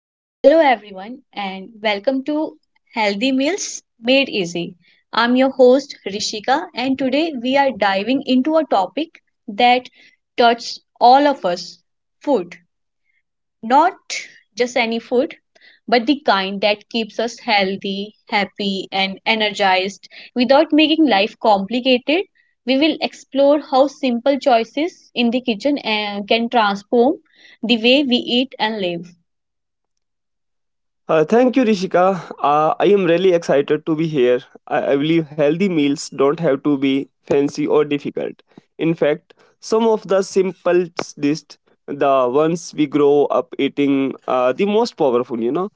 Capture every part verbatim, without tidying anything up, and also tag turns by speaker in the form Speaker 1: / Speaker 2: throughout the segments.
Speaker 1: So, hello everyone, and welcome to Healthy Meals Made Easy. I'm your host Rishika, and today we are diving into a topic that touches all of us food. Not just any food, but the kind that keeps us healthy, happy, and energized without making life complicated. We will explore how simple choices in the kitchen eh, can transform the way we eat and live.
Speaker 2: Uh, thank you, Rishika. Uh, I am really excited to be here. I, I believe healthy meals don't have to be fancy or difficult. In fact, some of the simplest dish, the ones we grow up eating, are the most powerful. You know,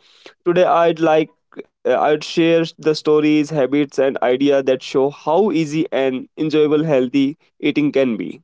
Speaker 2: today I'd like uh, I'd share the stories, habits, and idea that show how easy and enjoyable healthy eating can be.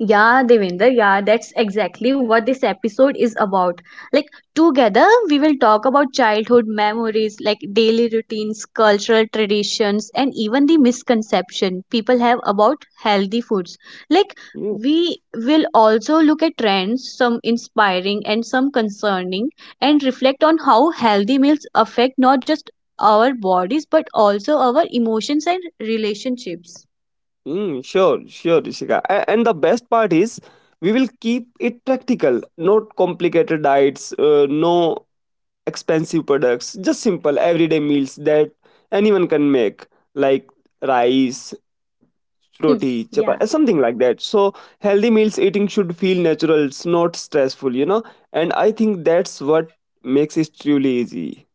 Speaker 1: Yeah, Devinder, yeah, that's exactly what this episode is about. Like, together we will talk about childhood memories, like daily routines, cultural traditions, and even the misconception people have about healthy foods. Like,
Speaker 2: Yeah.
Speaker 1: we will also look at trends, some inspiring and some concerning, and reflect on how healthy meals affect not just our bodies but also our emotions and relationships.
Speaker 2: Mm, sure, sure, Rishika. A- And the best part is we will keep it practical, not complicated diets, uh, no expensive products, just simple everyday meals that anyone can make, like rice,
Speaker 1: Hmm.
Speaker 2: roti,
Speaker 1: Yeah.
Speaker 2: chapati, something like that. So healthy meals eating should feel natural, it's not stressful, you know. And I think that's what makes it truly easy.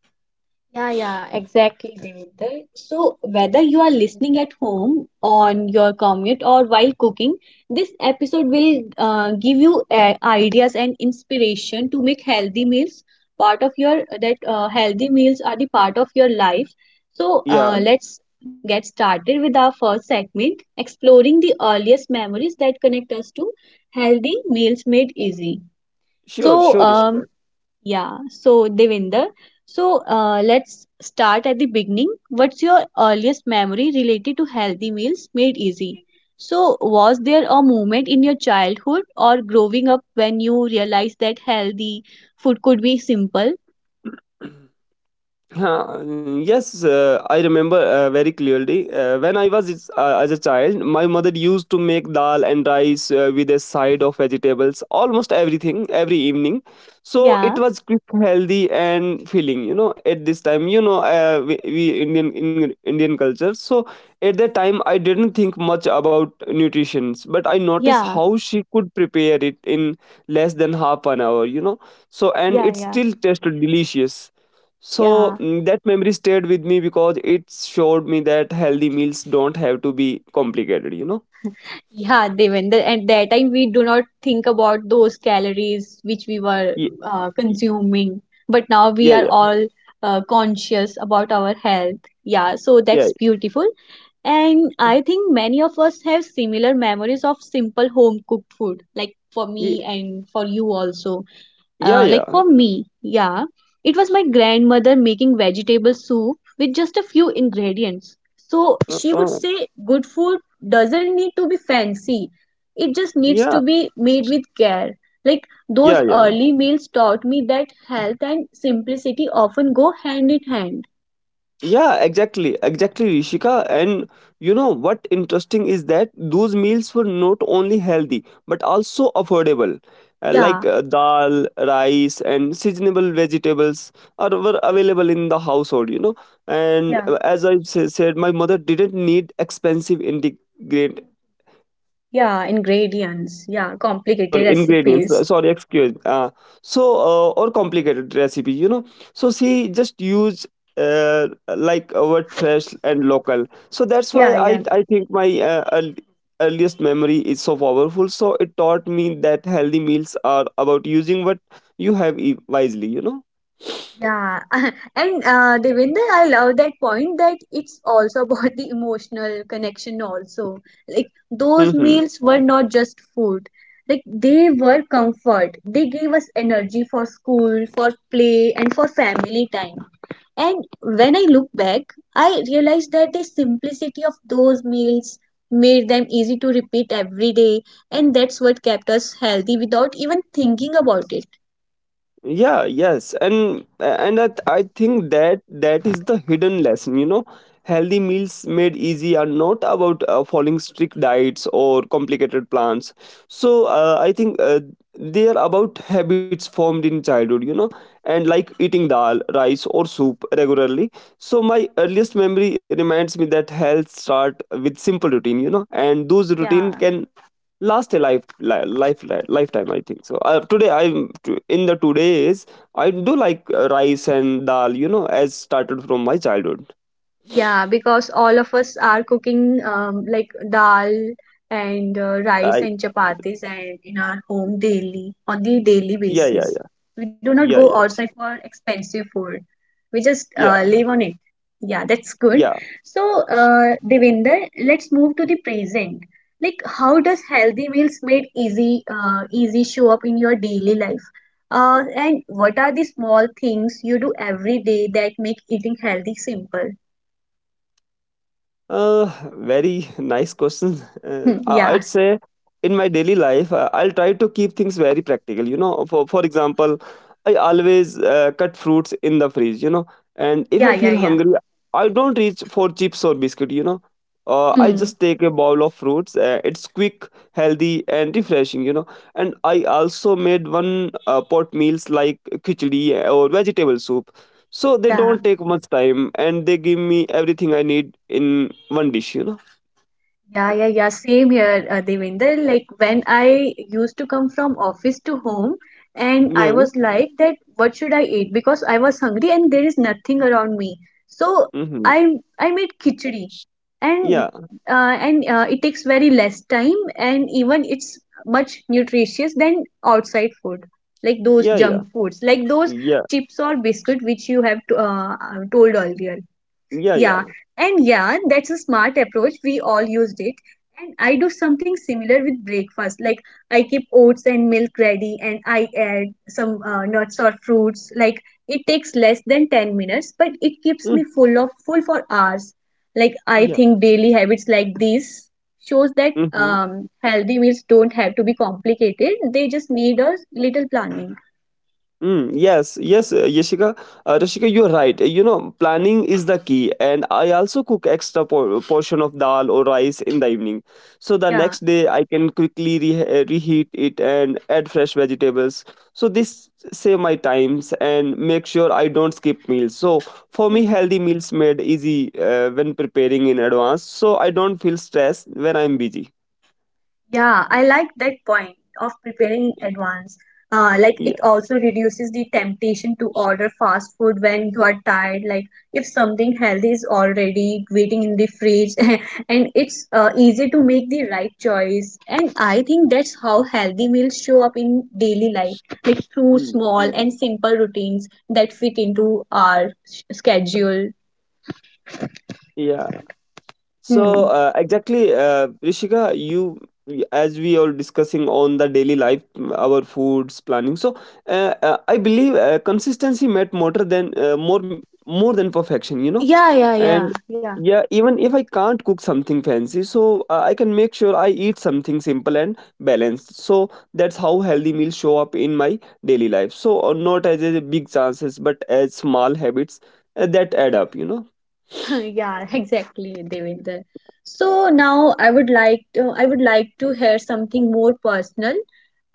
Speaker 1: Yeah, yeah, exactly, Devinder. So, whether you are listening at home, on your commute, or while cooking, this episode will uh, give you uh, ideas and inspiration to make healthy meals part of your that uh, healthy meals are the part of your life. So, uh,
Speaker 2: Yeah,
Speaker 1: let's get started with our first segment, exploring the earliest memories that connect us to healthy meals made easy.
Speaker 2: sure,
Speaker 1: So,
Speaker 2: sure,
Speaker 1: um,
Speaker 2: Ishika.
Speaker 1: yeah, so Devinder, so uh, let's start at the beginning. What's your earliest memory related to healthy meals made easy? So, was there a moment in your childhood or growing up when you realized that healthy food could be simple?
Speaker 2: Huh, mm, yes, uh, I remember uh, very clearly. Uh, when I was is- uh, As a child, my mother used to make dal and rice uh, with a side of vegetables, almost everything every evening. So
Speaker 1: Yeah,
Speaker 2: it was quick, healthy, and filling. You know, at this time, you know, uh, we, we Indian in, Indian culture. So at that time, I didn't think much about nutrition, but I noticed
Speaker 1: yeah,
Speaker 2: how she could prepare it in less than half an hour. You know, so and it
Speaker 1: yeah, yeah,
Speaker 2: still tasted delicious. so
Speaker 1: yeah.
Speaker 2: mm, that memory stayed with me because it showed me that healthy meals don't have to be complicated, you know?
Speaker 1: Yeah, Devender, at that time we do not think about those calories which we were
Speaker 2: Ye-
Speaker 1: uh,
Speaker 2: ye-
Speaker 1: consuming, but now we
Speaker 2: Yeah,
Speaker 1: are
Speaker 2: yeah,
Speaker 1: all uh, conscious about our health. Yeah, so
Speaker 2: yeah,
Speaker 1: that's beautiful. And I think many of us have similar memories of simple home cooked food, like for me
Speaker 2: ye-
Speaker 1: and for you also.
Speaker 2: yeah,
Speaker 1: Uh, like
Speaker 2: yeah.
Speaker 1: for me, yeah, it was my grandmother making vegetable soup with just a few ingredients. So
Speaker 2: Uh,
Speaker 1: she would
Speaker 2: uh,
Speaker 1: say good food doesn't need to be fancy, it just
Speaker 2: yeah,
Speaker 1: needs to be made with care. Like
Speaker 2: yeah,
Speaker 1: those
Speaker 2: yeah.
Speaker 1: early meals taught me that health and simplicity often go hand in hand.
Speaker 2: Yeah, exactly, exactly, Rishika. And you know what interesting is that those meals were not only healthy but also affordable. Uh, like
Speaker 1: Yeah,
Speaker 2: uh, dal, rice, and seasonable vegetables are were available in the household. You know, and
Speaker 1: yeah,
Speaker 2: uh, as I sa- said, my mother didn't need expensive integrated
Speaker 1: yeah, ingredients, yeah,
Speaker 2: yeah,
Speaker 1: complicated
Speaker 2: sorry, ingredients. uh,
Speaker 1: recipes.
Speaker 2: Sorry, excuse. Uh, so, uh, or complicated recipe, you know. So she just use uh, like uh, what fresh and local. So that's why
Speaker 1: Yeah,
Speaker 2: I
Speaker 1: yeah.
Speaker 2: I think my uh, earl- earliest memory is so powerful. So it taught me that healthy meals are about using what you have e- wisely, you know.
Speaker 1: Yeah, and uh, Devinder, I love that point that it's also about the emotional connection also. Like those
Speaker 2: Hmm,
Speaker 1: meals were not just food. Like they were comfort. They gave us energy for school, for play, and for family time. And when I look back, I realized that the simplicity of those meals made them easy to repeat every day, and that's what kept us healthy without even thinking about it.
Speaker 2: yeah, yes. And and that I think that that is the hidden lesson, you know. Healthy meals made easy are not about uh, following strict diets or complicated plans. So, uh, I think, uh, they are about habits formed in childhood, you know. And, like, eating dal, rice, or soup regularly. So my earliest memory reminds me that health start with simple routine, you know, and those
Speaker 1: Yeah.
Speaker 2: routine can last a life, li- life li- lifetime, I think. So, uh, today, i'm t- in the two days I do like uh, rice and dal, you know, as started from my childhood.
Speaker 1: Yeah, because all of us are cooking um, like dal and uh, rice
Speaker 2: I
Speaker 1: and chapatis and in our home daily on the daily
Speaker 2: Yeah, yeah,
Speaker 1: basis.
Speaker 2: yeah,
Speaker 1: We do not go
Speaker 2: yeah, yeah,
Speaker 1: outside
Speaker 2: sh-
Speaker 1: for expensive food. We just uh,
Speaker 2: yeah,
Speaker 1: live on it. Yeah, that's good.
Speaker 2: yeah.
Speaker 1: So, uh, Devinder, let's move to the present. Like, how does healthy meals made easy uh, easy show up in your daily life? Uh, and what are the small things you do every day that make eating healthy simple?
Speaker 2: Uh, Very nice question. Uh,
Speaker 1: Hmm.
Speaker 2: I- I'd
Speaker 1: Yeah,
Speaker 2: say in my daily life, uh, I'll try to keep things very practical. You know, for for example, I always uh, cut fruits in the fridge. You know, and if
Speaker 1: yeah,
Speaker 2: I
Speaker 1: yeah,
Speaker 2: feel
Speaker 1: yeah.
Speaker 2: hungry, I don't reach for chips or biscuit. You know, uh, I
Speaker 1: Hmm.
Speaker 2: just take a bowl of fruits. Uh, it's quick, healthy, and refreshing. You know, and I also made one uh, pot meals like khichdi or vegetable soup, so they
Speaker 1: Yeah,
Speaker 2: don't take much time and they give me everything I need in one dish, you know?
Speaker 1: yeah, yeah, yeah. Same here, uh, Devinder. Like when I used to come from office to home, and I
Speaker 2: Yeah.
Speaker 1: was like that, what should I eat? Because I was hungry and there is nothing around me. So
Speaker 2: Mm-hmm.
Speaker 1: I I made khichdi, and
Speaker 2: Yeah.
Speaker 1: uh, and uh, it takes very less time, and even it's much nutritious than outside food, like those
Speaker 2: Yeah. Yeah.
Speaker 1: junk foods, like those
Speaker 2: Yeah.
Speaker 1: chips or biscuit which you have to, uh, uh, told earlier.
Speaker 2: Yeah.
Speaker 1: Yeah,
Speaker 2: Yeah.
Speaker 1: and yeah, that's a smart approach. We all used it. And I do something similar with breakfast. Like I keep oats and milk ready and I add some uh, nuts or fruits. Like it takes less than ten minutes, but it keeps
Speaker 2: Mm.
Speaker 1: me full of full for hours. Like I
Speaker 2: Yeah.
Speaker 1: think daily habits like these shows that
Speaker 2: Mm-hmm.
Speaker 1: um, healthy meals don't have to be complicated. They just need a little planning.
Speaker 2: Mm, yes, yes, uh, Yashika, uh, Rashika, you're right. You know, planning is the key, and I also cook extra por- portion of dal or rice in the evening, so the
Speaker 1: Yeah.
Speaker 2: next day I can quickly re- uh, reheat it and add fresh vegetables. So this save my times and make sure I don't skip meals. So for me,
Speaker 1: Hmm.
Speaker 2: healthy meals made easy uh, when preparing in advance, so I don't feel stressed when I'm busy.
Speaker 1: Yeah, I like that point of preparing in advance. Uh, like it
Speaker 2: Yeah,
Speaker 1: also reduces the temptation to order fast food when you are tired. Like if something healthy is already waiting in the fridge, and it's uh, easy to make the right choice. And I think that's how healthy meals show up in daily life, like through
Speaker 2: mm,
Speaker 1: small and simple routines that fit into our s- schedule.
Speaker 2: yeah. So,
Speaker 1: Hmm.
Speaker 2: uh, exactly, uh, Rishika, you as we are discussing on the daily life, mm, our foods planning. So, uh, uh, I believe uh, consistency met more than uh, more more than perfection. You know,
Speaker 1: Yeah, yeah,
Speaker 2: and
Speaker 1: yeah, yeah.
Speaker 2: yeah, even if I can't cook something fancy, so uh, I can make sure I eat something simple and balanced. So that's how healthy meals show up in my daily life. So, uh, not as a big chances, but as small habits uh, that add up. You know.
Speaker 1: Yeah, exactly, Devinder. So now I would like to, I would like to hear something more personal.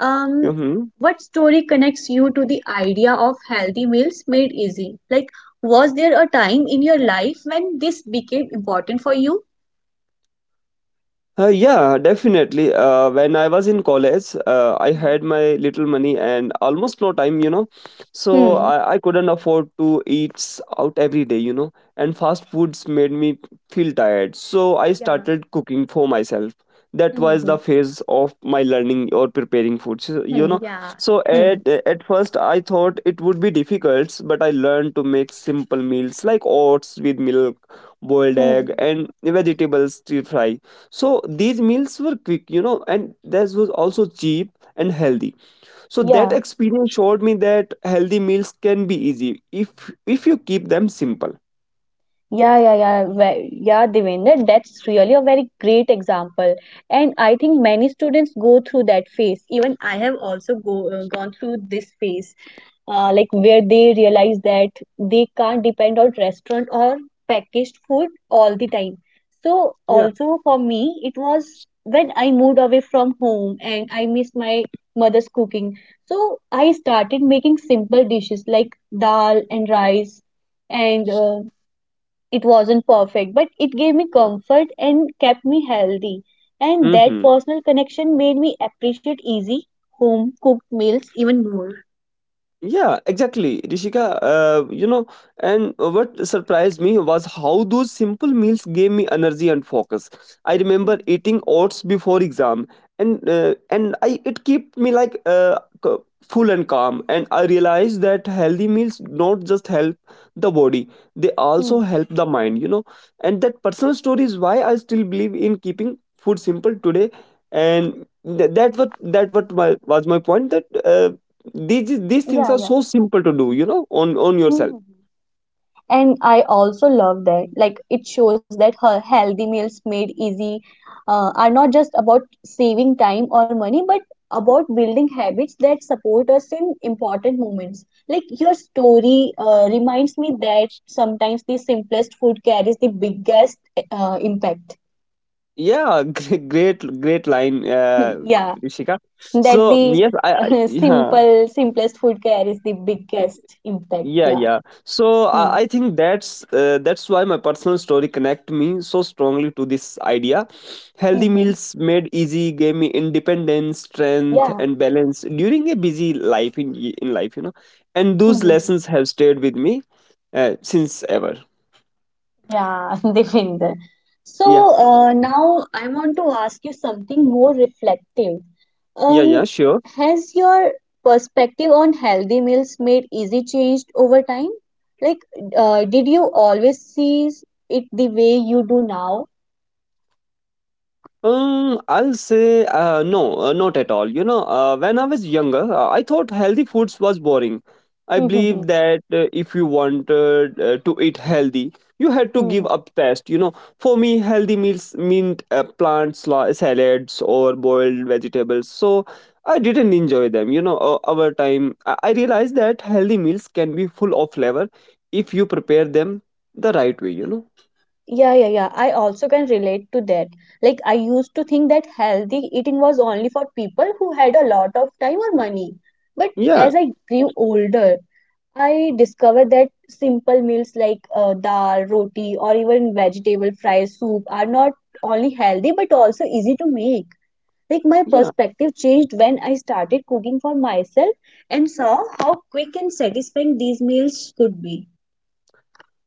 Speaker 1: Um,
Speaker 2: Mm-hmm.
Speaker 1: what story connects you to the idea of healthy meals made easy? Like, was there a time in your life when this became important for you?
Speaker 2: Uh, yeah, definitely. Uh, when I was in college, uh, I
Speaker 1: Hmm.
Speaker 2: had my little money and almost no time, you know. So
Speaker 1: Hmm.
Speaker 2: I, I couldn't afford to eat s- out every day, you know. And fast foods made me feel tired. So I
Speaker 1: Yeah.
Speaker 2: started cooking for myself. That was
Speaker 1: Hmm.
Speaker 2: the phase of my learning or preparing food, so, you
Speaker 1: Hmm.
Speaker 2: know.
Speaker 1: Yeah.
Speaker 2: So
Speaker 1: Hmm.
Speaker 2: at at first I thought it would be difficult, but I learned to make simple meals like oats with milk, boiled
Speaker 1: Hmm.
Speaker 2: egg, and vegetables stir fry, so these meals were quick, you know, and this was also cheap and healthy. So that
Speaker 1: Yeah.
Speaker 2: experience showed me that healthy meals can be easy if if you keep them simple.
Speaker 1: Yeah, yeah, yeah, ve- yeah, Devendra, that's really a very great example. And I think many students go through that phase. Even I have also go, uh, gone through this phase, uh, like where they realize that they can't depend on restaurant or packaged food all the time. So
Speaker 2: Yeah.
Speaker 1: also for me, it was when I moved away from home and I missed my mother's cooking. So I started making simple dishes like dal and rice and uh, it wasn't perfect, but it gave me comfort and kept me healthy. And that
Speaker 2: Hmm.
Speaker 1: personal connection made me appreciate easy home cooked meals even more.
Speaker 2: Yeah, exactly, Rishika. Uh, you know, and what surprised me was how those simple meals gave me energy and focus. I remember
Speaker 1: Mhm.
Speaker 2: eating oats before exam, and uh, and I it kept me like uh, c- full and calm. And I realized that healthy meals not just help the body; they also
Speaker 1: Hmm.
Speaker 2: help the mind. You know, and that personal story is why I still believe in keeping food simple today. And th- that what that what my was my point that. Uh, these these things
Speaker 1: Yeah,
Speaker 2: are
Speaker 1: yeah.
Speaker 2: so simple to do, you know, on on
Speaker 1: Hmm.
Speaker 2: yourself.
Speaker 1: And I also love that like it shows that her healthy meals made easy uh, are not just about saving time or money but about building habits that support us in important moments like your story uh, reminds me that sometimes the simplest food carries the biggest uh, impact.
Speaker 2: Yeah. Great, great, great line, uh
Speaker 1: Yeah
Speaker 2: Rishika.
Speaker 1: that
Speaker 2: So,
Speaker 1: the
Speaker 2: yes, i I- yeah,
Speaker 1: simple simplest food carries the biggest impact,
Speaker 2: yeah,
Speaker 1: yeah.
Speaker 2: yeah. So,
Speaker 1: Hmm.
Speaker 2: i, I think that's uh, that's why my personal story connect me so strongly to this idea. Healthy
Speaker 1: Mm-hmm.
Speaker 2: meals made easy gave me independence, strength,
Speaker 1: Yeah.
Speaker 2: and balance during a busy life, in in life, you know. And those
Speaker 1: Hmm.
Speaker 2: lessons have stayed with me uh, since ever.
Speaker 1: Yeah, Devinder.
Speaker 2: Yeah,
Speaker 1: So uh, now I want to ask you something more reflective.
Speaker 2: yeah, yeah.
Speaker 1: Um,
Speaker 2: Sure.
Speaker 1: has your perspective on healthy meals made easy changed over time? Like, uh, did you always see it the way you do now?
Speaker 2: Um, I'll say, uh, no, uh, not at all. You know, uh, when I was younger, uh, I thought healthy foods was boring. I
Speaker 1: Hmm.
Speaker 2: believed that uh, if you wanted uh, to eat healthy, you had to
Speaker 1: Hmm.
Speaker 2: give up taste. You know, for me, healthy meals meant uh, plants, la- salads, or boiled vegetables. So I didn't enjoy them. You know, uh, over time, I-, I realized that healthy meals can be full of flavor if you prepare them the right way. You know,
Speaker 1: Yeah, yeah, yeah. I also can relate to that. Like, I used to think that healthy eating was only for people who had a lot of time or money. But
Speaker 2: yeah,
Speaker 1: as I grew older, I discovered that simple meals like uh, dal, roti, or even vegetable fry soup are not only healthy but also easy to make. Like my
Speaker 2: yeah.
Speaker 1: perspective changed when I started cooking for myself and saw how quick and satisfying these meals could be.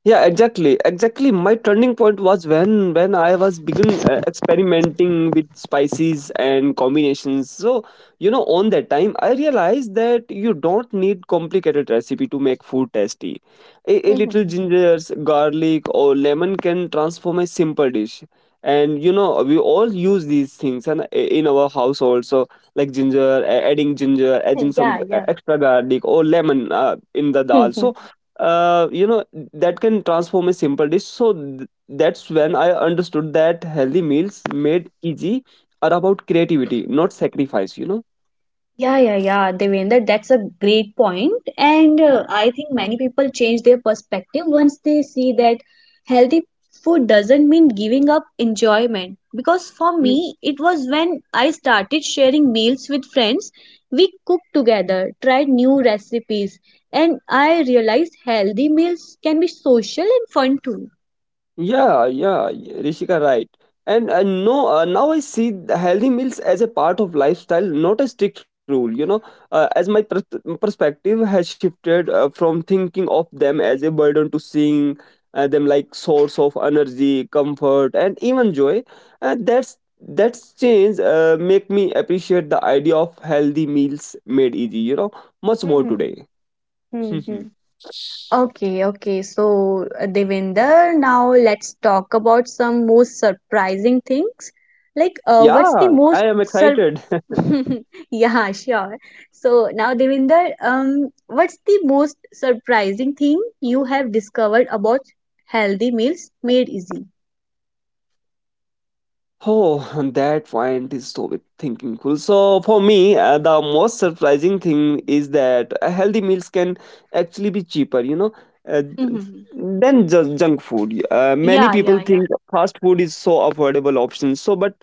Speaker 2: Yeah, exactly, exactly. My turning point was when when I was begin uh, experimenting with spices and combinations. So, you know, on that time, I realized that you don't need complicated recipe to make food tasty. A, a little ginger, garlic, or lemon can transform a simple dish. And you know, we all use these things and in our house also, like ginger, a- adding ginger, adding some
Speaker 1: Yeah,
Speaker 2: uh,
Speaker 1: yeah.
Speaker 2: extra garlic or lemon uh, in the dal. So, uh, you know that can transform a simple dish. So th- that's when I understood that healthy meals made easy are about creativity, not sacrifice, you know.
Speaker 1: Yeah, yeah, yeah, Devendra, that's a great point. And uh, I think many people change their perspective once they see that healthy food doesn't mean giving up enjoyment. Because for me, it was when I started sharing meals with friends. We cooked together, tried new recipes, and I realized healthy meals can be social and fun too.
Speaker 2: Yeah, yeah, y- Rishika, right. And uh, no, uh, now I see the healthy meals as a part of lifestyle, not a strict rule. You know, uh, as my pers- perspective has shifted uh, from thinking of them as a burden to seeing uh, them like source of energy, comfort, and even joy. And that's that's change uh, make me appreciate the idea of healthy meals made easy. You know, much more today.
Speaker 1: Okay, okay. So, uh, Devinder, now let's talk about some most surprising things. Like, uh, what's the
Speaker 2: Yeah, I
Speaker 1: most
Speaker 2: am
Speaker 1: sur-
Speaker 2: excited.
Speaker 1: Yeah, sure. So now, Devinder, um, what's the most surprising thing you have discovered about healthy meals made easy?
Speaker 2: Oh, that point is so thinking cool. So for me, uh, the most surprising thing is that uh, healthy meals can actually be cheaper, you know, uh,
Speaker 1: Mm-hmm.
Speaker 2: than ju- junk food. Uh, many
Speaker 1: Yeah,
Speaker 2: people
Speaker 1: yeah, yeah.
Speaker 2: think fast food is so affordable option. So, but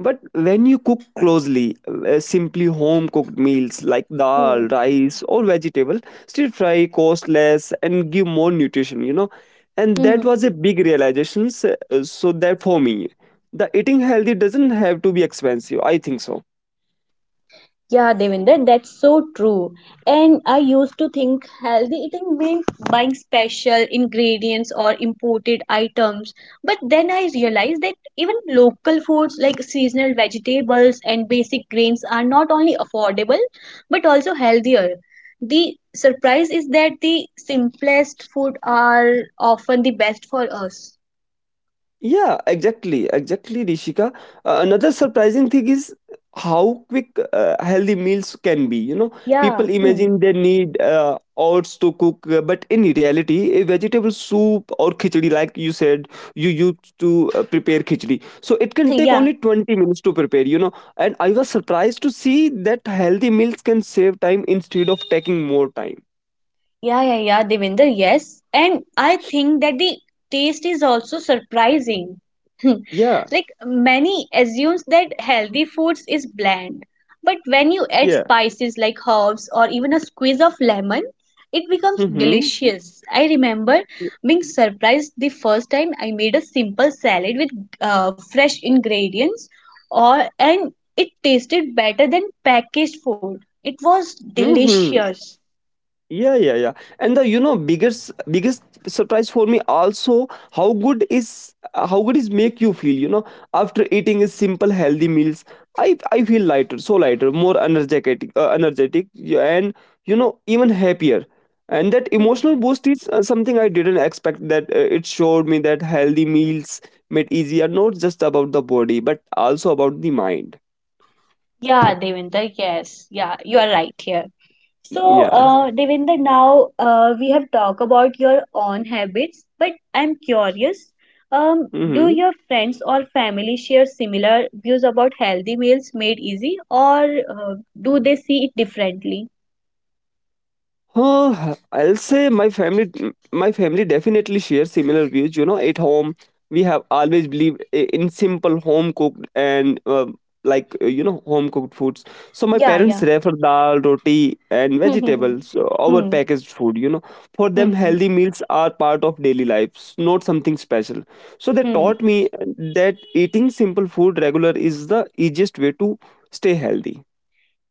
Speaker 2: but when you cook closely, uh, simply home cooked meals like dal,
Speaker 1: Hmm.
Speaker 2: rice, or vegetable, stir fry cost less and give more nutrition, you know. And that was a big realization. s- uh, So that for me, the eating healthy doesn't have to be expensive. I think so.
Speaker 1: Yeah, Devinder, that's so true. And I used to think healthy eating meant buying special ingredients or imported items. But then I realized that even local foods like seasonal vegetables and basic grains are not only affordable but also healthier. The surprise is that the simplest food are often the best for us.
Speaker 2: Yeah, exactly, exactly, Rishika. Uh, another surprising thing is how quick uh, healthy meals can be. You know,
Speaker 1: Yeah,
Speaker 2: people
Speaker 1: hmm.
Speaker 2: imagine they need uh, hours to cook, uh, but in reality, a vegetable soup or khichdi, like you said, you used to uh, prepare khichdi, so it can take
Speaker 1: Yeah.
Speaker 2: only twenty minutes to prepare. You know, and I was surprised to see that healthy meals can save time instead of taking more time.
Speaker 1: Yeah, yeah, yeah, Devinder, yes. And I think that the taste is also surprising.
Speaker 2: Yeah,
Speaker 1: Like many assumes that healthy foods is bland, but when you add
Speaker 2: yeah.
Speaker 1: spices like herbs or even a squeeze of lemon, it becomes
Speaker 2: Mm-hmm.
Speaker 1: delicious. I remember being surprised the first time I made a simple salad with uh, fresh ingredients or and it tasted better than packaged food. It was
Speaker 2: Mm-hmm.
Speaker 1: delicious.
Speaker 2: Yeah, yeah, yeah. And the you know biggest biggest surprise for me also how good is how good is make you feel. You know, after eating a simple healthy meals, I I feel lighter, so lighter, more energetic, uh, energetic, yeah, and you know even happier. And that emotional boost is uh, something I didn't expect. That uh, it showed me that healthy meals made easier not just about the body but also about the mind.
Speaker 1: Yeah, Devinder, yes. Yeah, you are right here. So,
Speaker 2: Yeah.
Speaker 1: uh, Devinder, now uh, we have talked about your own habits, but I'm curious, um, do
Speaker 2: Mm-hmm.
Speaker 1: your friends or family share similar views about healthy meals made easy, or uh, do they see it differently?
Speaker 2: Huh, I'll say my family my family definitely shares similar views. You know, at home we have always believed i- in simple home cooked and uh, like uh, you know home cooked foods. So my
Speaker 1: Yeah,
Speaker 2: parents
Speaker 1: yeah.
Speaker 2: refer dal, roti, and
Speaker 1: Hmm, hmm,
Speaker 2: vegetables uh, over
Speaker 1: hmm,
Speaker 2: packaged food. You know, for
Speaker 1: hmm,
Speaker 2: them
Speaker 1: hmm,
Speaker 2: healthy meals are part of daily lives, not something special. So they
Speaker 1: hmm.
Speaker 2: taught me that eating simple food regular is the easiest way to stay healthy.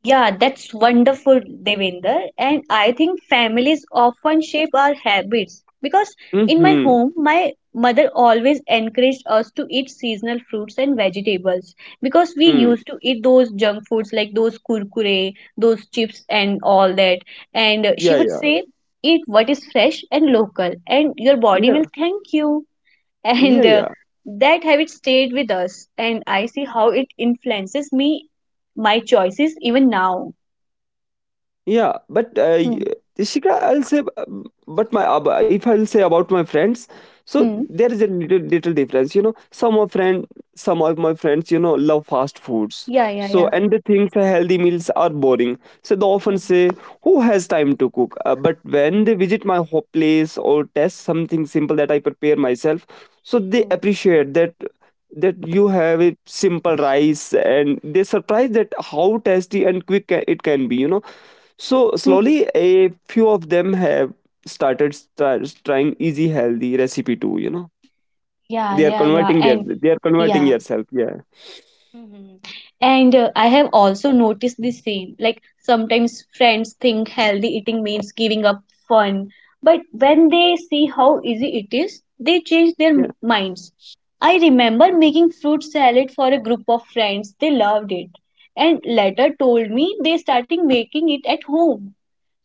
Speaker 1: Yeah, that's wonderful, Devinder. And I think families often shape our habits because in my
Speaker 2: Mm-hmm.
Speaker 1: home, my mother always encouraged us to eat seasonal fruits and vegetables because we
Speaker 2: Mm.
Speaker 1: used to eat those junk foods like those kurkure, those chips, and all that. And uh, she
Speaker 2: Yeah,
Speaker 1: would
Speaker 2: yeah,
Speaker 1: say, eat what is fresh and local, and your body will
Speaker 2: yeah,
Speaker 1: thank you,
Speaker 2: yeah,
Speaker 1: and uh,
Speaker 2: yeah.
Speaker 1: that habit stayed with us and I see how it influences me my choices even now.
Speaker 2: Yeah, but uh, y-
Speaker 1: Hmm.
Speaker 2: Shikha, I'll say, uh, but my ab- if I'll say about my friends, so
Speaker 1: Hmm.
Speaker 2: there is a little, little difference. You know, some of friend, some of my friends, you know, love fast foods.
Speaker 1: Yeah, yeah,
Speaker 2: So
Speaker 1: yeah.
Speaker 2: and they think the healthy meals are boring. So they often
Speaker 1: Hmm.
Speaker 2: say, "Who has time to cook?" Uh, but when they visit my ho- place or test something simple that I prepare myself, so they
Speaker 1: Hmm.
Speaker 2: appreciate that that you have a simple rice and they surprised that how tasty and quick ca- it can be, you know. So
Speaker 1: Hmm.
Speaker 2: slowly, a few of them have started st- trying easy healthy recipe too. You know,
Speaker 1: Yeah,
Speaker 2: they are
Speaker 1: yeah, yeah,
Speaker 2: converting their
Speaker 1: and
Speaker 2: they are converting
Speaker 1: yeah.
Speaker 2: yourself. Yeah,
Speaker 1: Mhm. And uh, I have also noticed the same. Like sometimes friends think healthy eating means giving up fun, but when they see how easy it is, they change their
Speaker 2: yeah,
Speaker 1: m- minds. I remember making fruit salad for a group of friends. They loved it and later told me they started making it at home.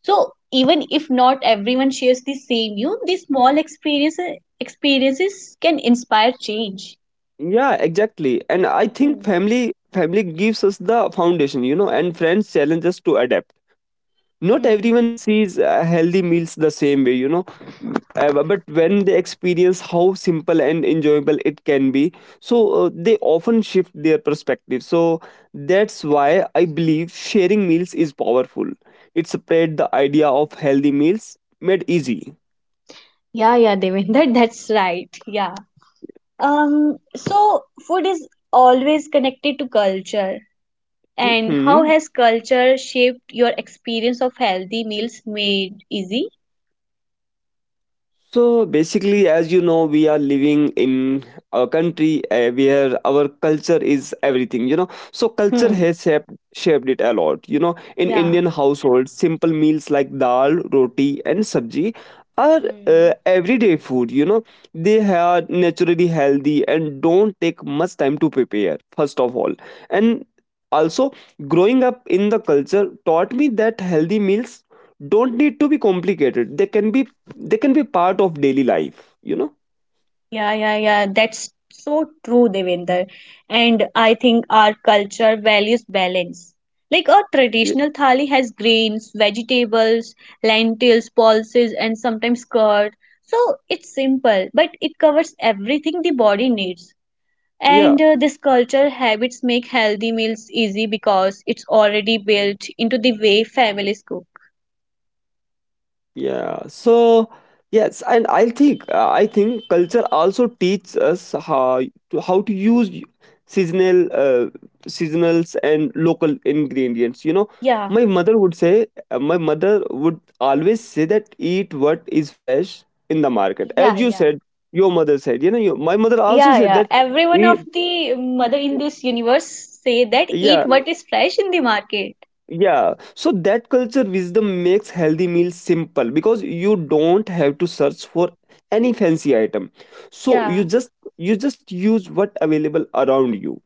Speaker 1: So even if not everyone shares the same view, these small experiences experiences can inspire change.
Speaker 2: yeah. Exactly. And I think
Speaker 1: Hmm.
Speaker 2: family family gives us the foundation. You know, and friends challenge us to adapt. Not
Speaker 1: Hmm.
Speaker 2: everyone sees uh, healthy meals the same way, you know. Mm, uh, bu- but when they experience how simple and enjoyable it can be, so uh, they often shift their perspective. So that's why I believe sharing meals is powerful. It spread the idea of healthy meals made easy.
Speaker 1: Yeah, yeah, Devendra, that's right. Yeah. Um, so food is always connected to culture. And how
Speaker 2: Mhm.
Speaker 1: has culture shaped your experience of healthy meals made easy?
Speaker 2: So basically, as you know, we are living in a country uh, where our culture is everything, you know. So culture
Speaker 1: Hmm.
Speaker 2: has shaped, shaped it a lot, you know. In
Speaker 1: Yeah.
Speaker 2: Indian households, simple meals like dal, roti, and sabji are uh,
Speaker 1: Hmm.
Speaker 2: everyday food, you know. They are naturally healthy and don't take much time to prepare, first of all. And also, growing up in the culture taught me that healthy meals don't need to be complicated. They can be they can be part of daily life, you know.
Speaker 1: Yeah, yeah, yeah. That's so true, Devinder. And I think our culture values balance. Like our
Speaker 2: Ye-
Speaker 1: traditional thali has grains, vegetables, lentils, pulses, and sometimes curd. So it's simple, but it covers everything the body needs.
Speaker 2: yeah,
Speaker 1: And uh, this culture habits make healthy meals easy because it's already built into the way families cook.
Speaker 2: yeah. So yes, and I think uh, I think culture also teaches us how to, how to use seasonal uh, seasonals and local ingredients, you know.
Speaker 1: Yeah,
Speaker 2: My mother would say, uh, my mother would always say that eat what is fresh in the market. As
Speaker 1: yeah,
Speaker 2: you
Speaker 1: yeah.
Speaker 2: said, your mother said, you know. Your, my mother also
Speaker 1: Yeah,
Speaker 2: said
Speaker 1: yeah.
Speaker 2: that.
Speaker 1: Every one
Speaker 2: We
Speaker 1: of the mother in this universe say that eat
Speaker 2: Yeah.
Speaker 1: what is fresh in the market.
Speaker 2: Yeah, so that culture wisdom makes healthy meals simple, because you don't have to search for any fancy item. So
Speaker 1: Yeah.
Speaker 2: you just you just use what available around you.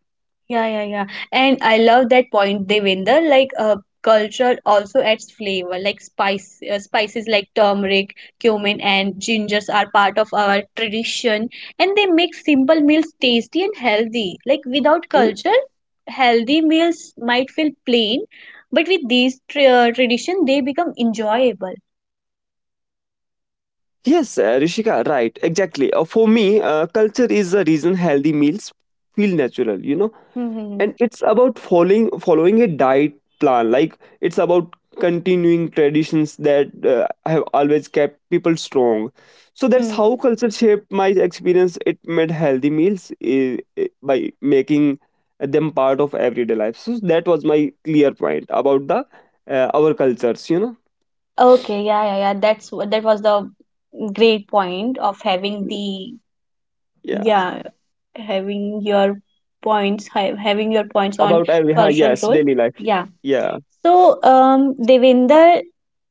Speaker 1: Yeah, yeah, yeah. And I love that point, Devinder. Like, uh, culture also adds flavor. Like spice, uh, spices like turmeric, cumin, and gingers are part of our tradition, and they make simple meals tasty and healthy. Like without
Speaker 2: Ye-
Speaker 1: culture, healthy meals might feel plain, but with these tra- uh, tradition, they become enjoyable.
Speaker 2: Yes, uh, Rishika, right, exactly. Uh, for me, uh, culture is the reason healthy meals feel natural. You know,
Speaker 1: Hmm.
Speaker 2: and it's about following following a diet plan. Like it's about continuing traditions that uh, have always kept people strong. So that's
Speaker 1: Hmm.
Speaker 2: how culture shaped my experience. It made healthy meals eh, eh, by making them part of everyday life. So that was my clear point about the uh, our cultures, you know.
Speaker 1: Okay, yeah, yeah, yeah. That's wh- that was the great point of having the
Speaker 2: Yeah,
Speaker 1: yeah, having your points, ha- having your points on
Speaker 2: about every ha-
Speaker 1: cultural
Speaker 2: yes,
Speaker 1: role.
Speaker 2: daily life.
Speaker 1: Yeah.
Speaker 2: Yeah.
Speaker 1: So, um, Devinder,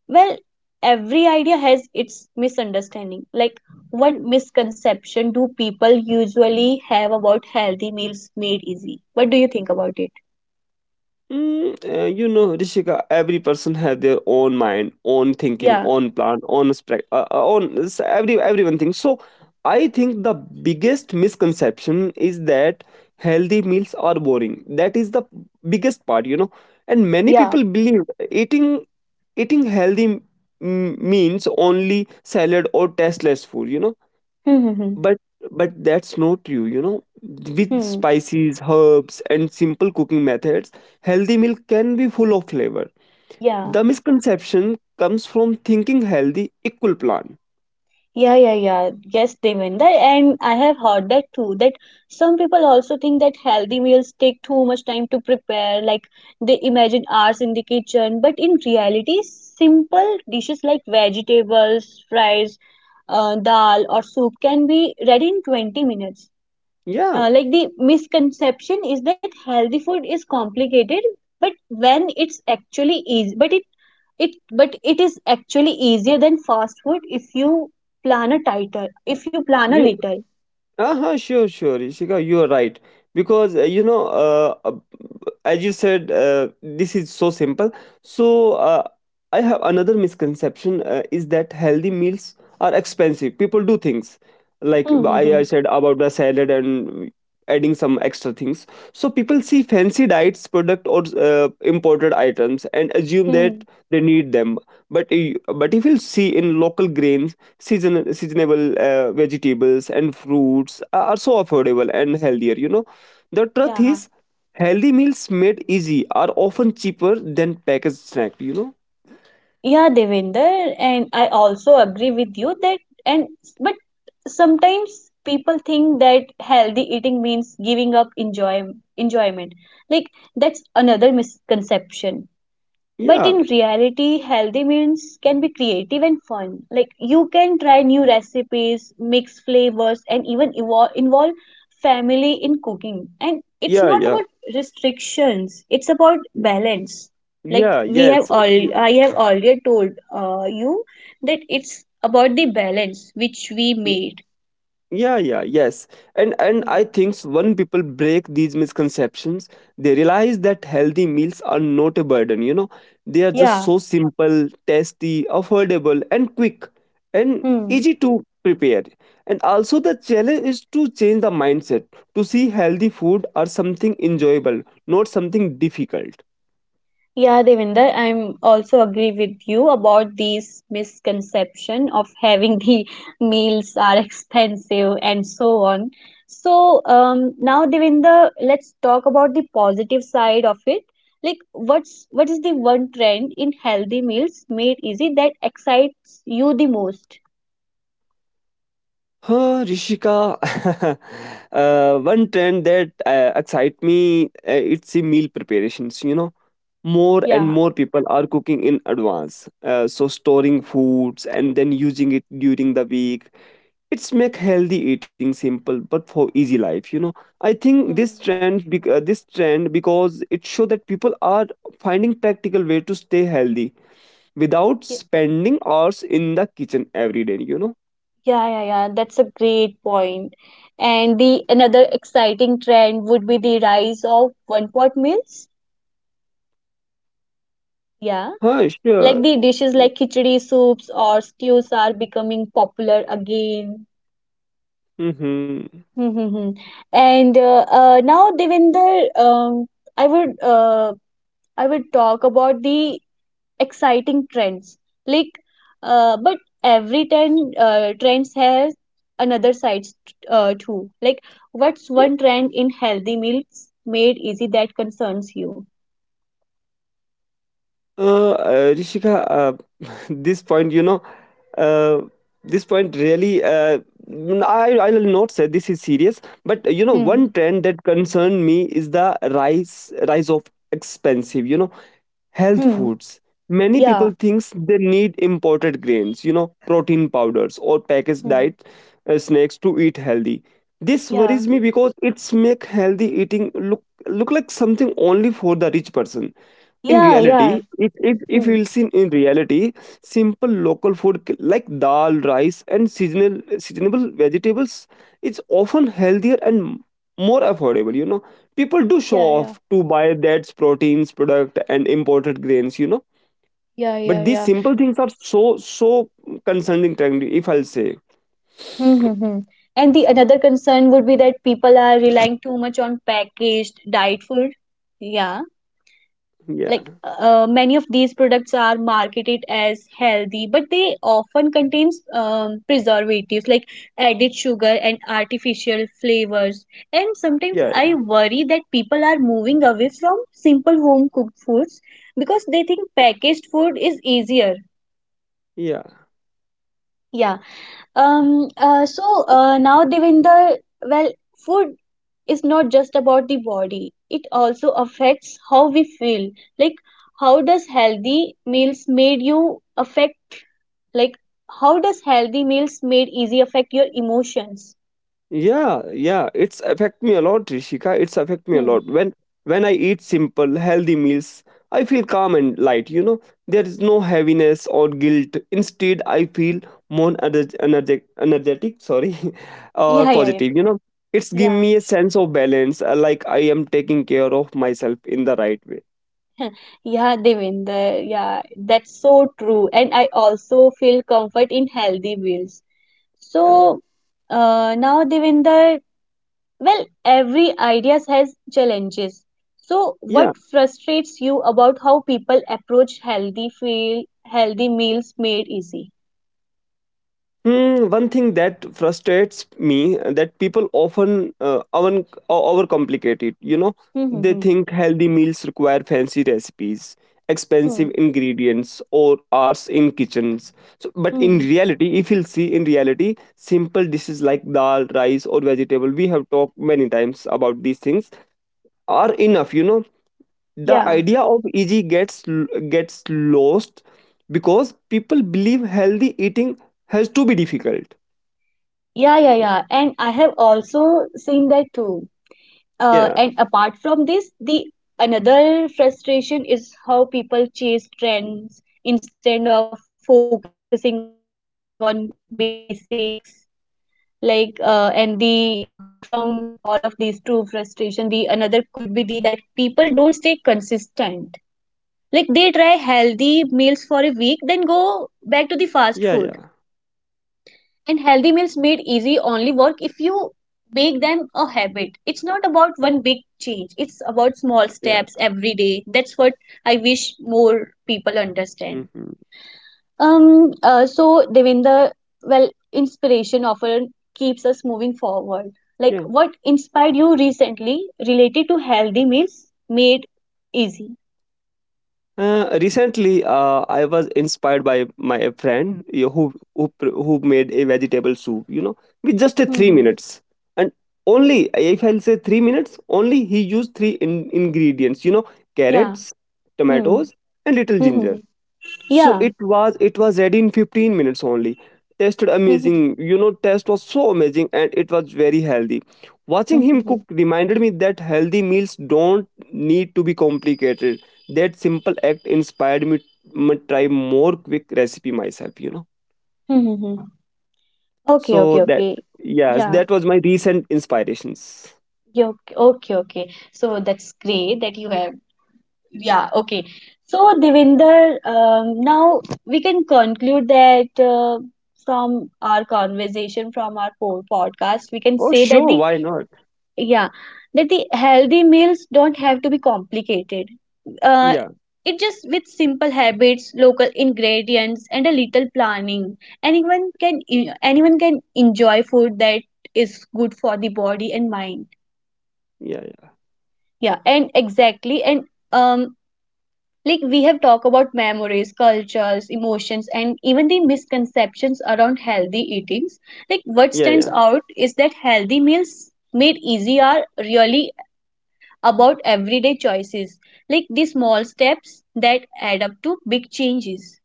Speaker 1: well, every idea has its misunderstanding. Like, what misconception do people usually have about healthy meals made easy? What do you think about it?
Speaker 2: Mm, uh, you know, Rishika, every person has their own mind, own thinking,
Speaker 1: Yeah.
Speaker 2: own plan, own spec, uh, uh, own s- every everyone thinks. So, I think the biggest misconception is that healthy meals are boring. That is the biggest part, you know. And many
Speaker 1: Yeah.
Speaker 2: people believe eating eating healthy m- means only salad or tasteless food. You know,
Speaker 1: Hmm. Hmm. Hmm.
Speaker 2: but but that's not true, you know. With
Speaker 1: Hmm.
Speaker 2: spices, herbs, and simple cooking methods, healthy meal can be full of flavor.
Speaker 1: Yeah.
Speaker 2: The misconception comes from thinking healthy equal plan.
Speaker 1: Yeah, yeah, yeah. Yes, they Devendra. And I have heard that too, that some people also think that healthy meals take too much time to prepare, like they imagine hours in the kitchen. But in reality, simple dishes like vegetables, fries, uh, dal, or soup can be ready in twenty minutes
Speaker 2: Yeah,
Speaker 1: uh, like the misconception is that healthy food is complicated, but when it's actually easy but it it but it is actually easier than fast food if you plan a tighter if you plan a
Speaker 2: yeah.
Speaker 1: little.
Speaker 2: Uh-huh, sure, sure, Ishika, you are right. Because, uh, you know, uh, uh, as you said, uh, this is so simple. So, uh, I have another misconception uh, is that healthy meals are expensive. People do things like I, I
Speaker 1: Mm-hmm.
Speaker 2: said about the salad and adding some extra things. So, people see fancy diets, product, or uh, imported items and assume
Speaker 1: Hmm.
Speaker 2: that they need them. But, i- but if you see in local grains, season seasonable uh, vegetables and fruits are are so affordable and healthier. You know, the truth
Speaker 1: Yeah,
Speaker 2: is, healthy meals made easy are often cheaper than packaged snack. You know,
Speaker 1: yeah, Devinder, and I also agree with you that and but sometimes people think that healthy eating means giving up enjoy enjoyment, like that's another misconception. But
Speaker 2: yeah,
Speaker 1: in reality, healthy meals can be creative and fun. Like you can try new recipes, mix flavors, and even evo- involve family in cooking. And it's
Speaker 2: yeah,
Speaker 1: not
Speaker 2: yeah,
Speaker 1: about restrictions, it's about balance. Like
Speaker 2: yeah.
Speaker 1: we have
Speaker 2: Yes,
Speaker 1: all, I have already told uh, you that it's about the balance which we made.
Speaker 2: yeah, yeah, yes. and and I
Speaker 1: Hmm.
Speaker 2: think when people break these misconceptions, they realize that healthy meals are not a burden, you know. They are just
Speaker 1: Yeah.
Speaker 2: so simple, tasty, affordable, and quick and
Speaker 1: Hmm.
Speaker 2: easy to prepare. And also the challenge is to change the mindset, to see healthy food as something enjoyable, not something difficult.
Speaker 1: Yeah, Devinder, I'm also agree with you about these misconception of having the meals are expensive and so on. So um, now, Devinder, let's talk about the positive side of it. Like, what's what is the one trend in healthy meals made easy that excites you the most?
Speaker 2: Huh, Rishika. Uh, one trend that uh, excites me uh, it's the meal preparations. You know, more and
Speaker 1: Yeah.
Speaker 2: more people are cooking in advance, uh, so storing foods and then using it during the week. It's make healthy eating simple, but for easy life. You know, I think this
Speaker 1: Hmm.
Speaker 2: trend, bec- uh, this trend, because it show that people are finding practical way to stay healthy without spending hours in the kitchen every day, you know.
Speaker 1: Yeah, yeah, yeah. That's a great point. And the another exciting trend would be the rise of one pot meals. Yeah.
Speaker 2: Huh. Sure.
Speaker 1: Like the dishes like khichdi, soups, or stews are becoming popular again.
Speaker 2: Mm-hmm.
Speaker 1: Hmm, hmm, hmm. And uh, uh, now, Devinder, um, I would uh, I would talk about the exciting trends. Like, uh, but every trend uh, trends has another side uh, too. Like, what's
Speaker 2: Yeah.
Speaker 1: one trend in healthy meals made easy that concerns you?
Speaker 2: Uh, uh, Rishika, uh, this point, you know, uh, this point really, uh, n- I, I will not say this is serious, but uh, you know,
Speaker 1: Hmm.
Speaker 2: one trend that concerned me is the rise rise of expensive, you know, health
Speaker 1: Hmm.
Speaker 2: foods. Many people
Speaker 1: Yeah.
Speaker 2: thinks they need imported grains, you know, protein powders or packaged
Speaker 1: Hmm.
Speaker 2: diet uh, snacks to eat healthy. This worries
Speaker 1: Yeah.
Speaker 2: me because it's make healthy eating look look like something only for the rich person. In
Speaker 1: Yeah.
Speaker 2: reality,
Speaker 1: Yeah.
Speaker 2: if if if
Speaker 1: Hmm.
Speaker 2: you'll see in reality, simple local food k- like dal, rice, and seasonal seasonable vegetables is often healthier and m- more affordable, you know. People do show
Speaker 1: Yeah. Yeah.
Speaker 2: off to buy that proteins product and imported grains, you know.
Speaker 1: Yeah, yeah,
Speaker 2: But these
Speaker 1: yeah.
Speaker 2: simple things are so so concerning technically, if I'll say.
Speaker 1: Mm-hmm. And the another concern would be that people are relying too much on packaged diet food. Yeah, like
Speaker 2: Yeah,
Speaker 1: uh, many of these products are marketed as healthy, but they often contains um, preservatives like added sugar and artificial flavors. And sometimes
Speaker 2: yeah,
Speaker 1: I
Speaker 2: yeah,
Speaker 1: worry that people are moving away from simple home cooked foods because they think packaged food is easier.
Speaker 2: yeah.
Speaker 1: Yeah. Um, uh, so uh, now, Devinder, well, food is not just about the body, it also affects how we feel. Like, how does healthy meals made you affect, like, how does healthy meals made easy affect your emotions?
Speaker 2: Yeah, yeah, it's affect me a lot, Rishika. It's affect me a
Speaker 1: Hmm.
Speaker 2: lot. When when I eat simple, healthy meals, I feel calm and light. You know, there is no heaviness or guilt. Instead, I feel more energetic, energetic, sorry, or
Speaker 1: Yeah, yeah,
Speaker 2: positive. You know, it's give
Speaker 1: yeah.
Speaker 2: me a sense of balance, uh, like I am taking care of myself in the right way.
Speaker 1: Yeah, yeah, Devinder. Yeah, that's so true. And I also feel comfort in healthy meals.
Speaker 2: Uh,
Speaker 1: So, uh, now, Devinder, well, every idea has challenges. So,
Speaker 2: yeah.
Speaker 1: what frustrates you about how people approach healthy feel, healthy meals made easy?
Speaker 2: Hmm, one thing that frustrates me uh, that people often uh, over- overcomplicate it. You know, they
Speaker 1: Mm-hmm.
Speaker 2: think healthy meals require fancy recipes,
Speaker 1: Hmm.
Speaker 2: expensive ingredients, or hours in kitchens. So, but in
Speaker 1: Hmm.
Speaker 2: reality, if you'll see in reality, simple dishes like dal, rice, or vegetable, we have talked many times about these things, are enough. You know, the
Speaker 1: Yeah.
Speaker 2: idea of easy gets gets lost because people believe healthy eating has to be difficult.
Speaker 1: Yeah, yeah, yeah. And I have also seen that too. Uh,
Speaker 2: Yeah,
Speaker 1: and apart from this, the another frustration is how people chase trends instead of focusing on basics. Like uh, and the apart from all of these two frustration, the another could be the that people don't stay consistent, like they try healthy meals for a week then go back to the fast food.
Speaker 2: yeah, yeah,
Speaker 1: And healthy meals made easy only work if you make them a habit. It's not about one big change, it's about small steps every
Speaker 2: yeah.
Speaker 1: day. That's what I wish more people understand.
Speaker 2: Hmm.
Speaker 1: Um, uh, so Devinder, well, inspiration often keeps us moving forward. Like,
Speaker 2: Yeah.
Speaker 1: what inspired you recently related to healthy meals made easy?
Speaker 2: Uh, recently, uh, I was inspired by my friend, you know, who who pr- who made a vegetable soup. You know, with just a three
Speaker 1: Mm-hmm.
Speaker 2: minutes, and only if I'll say three minutes, only he used three in- ingredients. You know,
Speaker 1: Yeah.
Speaker 2: carrots,
Speaker 1: Hmm.
Speaker 2: tomatoes, and little ginger.
Speaker 1: Mm-hmm.
Speaker 2: So it
Speaker 1: Yeah.
Speaker 2: was it was ready in fifteen minutes only. Tasted amazing.
Speaker 1: Mm-hmm.
Speaker 2: You know, taste was so amazing and it was very healthy. Watching him cook
Speaker 1: Mm-hmm.
Speaker 2: reminded me that healthy meals don't need to be complicated. That simple act inspired me to try more quick recipe myself, you know.
Speaker 1: Mm-hmm. Okay,
Speaker 2: So
Speaker 1: okay,
Speaker 2: that
Speaker 1: okay.
Speaker 2: yes,
Speaker 1: Yeah.
Speaker 2: that was my recent inspirations.
Speaker 1: Yeah, okay, okay, okay. So that's great that you have. Yeah, okay. So, Devinder, um, now we can conclude that uh, from our conversation, from our po- podcast, we can
Speaker 2: Oh
Speaker 1: say that
Speaker 2: sure,
Speaker 1: the
Speaker 2: why not?
Speaker 1: yeah that the healthy meals don't have to be complicated. Uh,
Speaker 2: Yeah,
Speaker 1: it just with simple habits, local ingredients, and a little planning, anyone can e- anyone can enjoy food that is good for the body and mind.
Speaker 2: yeah, yeah,
Speaker 1: Yeah, and exactly, and um like we have talked about memories, cultures, emotions, and even the misconceptions around healthy eatings. Like what
Speaker 2: yeah,
Speaker 1: stands
Speaker 2: yeah.
Speaker 1: out is that healthy meals made easy are really about everyday choices, like the small steps that add up to big changes.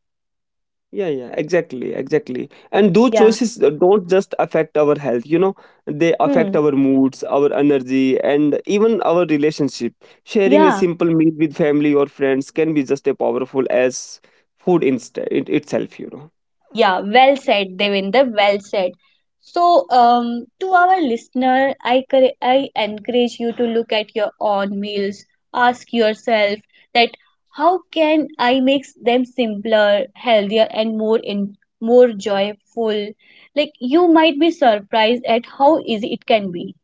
Speaker 2: Yeah, yeah, exactly, exactly. And those
Speaker 1: Yeah.
Speaker 2: choices uh, don't just affect our health, you know, they
Speaker 1: Hmm.
Speaker 2: affect our moods, our energy, and even our relationship. Sharing a
Speaker 1: Yeah.
Speaker 2: simple meal with family or friends can be just as powerful as food inst- it itself, you know.
Speaker 1: Yeah, well said, Devinder. Well said. So, um, to our listener, I, cor- I encourage you to look at your own meals. Ask yourself that how can I make them simpler, healthier, and more in more joyful? Like you might be surprised at how easy it can be.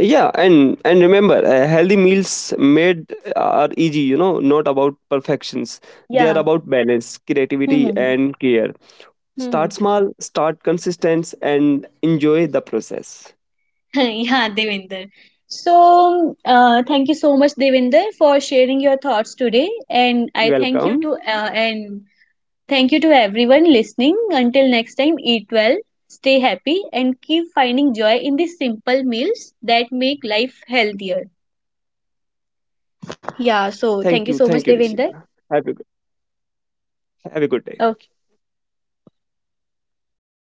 Speaker 2: Yeah, and and remember, uh, healthy meals made uh, are easy, you know, not about perfections. They are
Speaker 1: Yeah.
Speaker 2: about balance, creativity, and care. Start small, start consistent, and enjoy the process.
Speaker 1: Yeah, Devinder. So, uh, thank you so much, Devinder, for sharing your thoughts today. And I
Speaker 2: You're
Speaker 1: thank you
Speaker 2: welcome.
Speaker 1: to uh, and thank you to everyone listening. Until next time, eat well, stay happy, and keep finding joy in the simple meals that make life healthier.
Speaker 2: Thank you. Thank you,
Speaker 1: Yeah.
Speaker 2: Rishika.
Speaker 1: So,
Speaker 2: Have
Speaker 1: thank
Speaker 2: a
Speaker 1: you
Speaker 2: good,
Speaker 1: so much, Devinder.
Speaker 2: have a good day.
Speaker 1: Okay.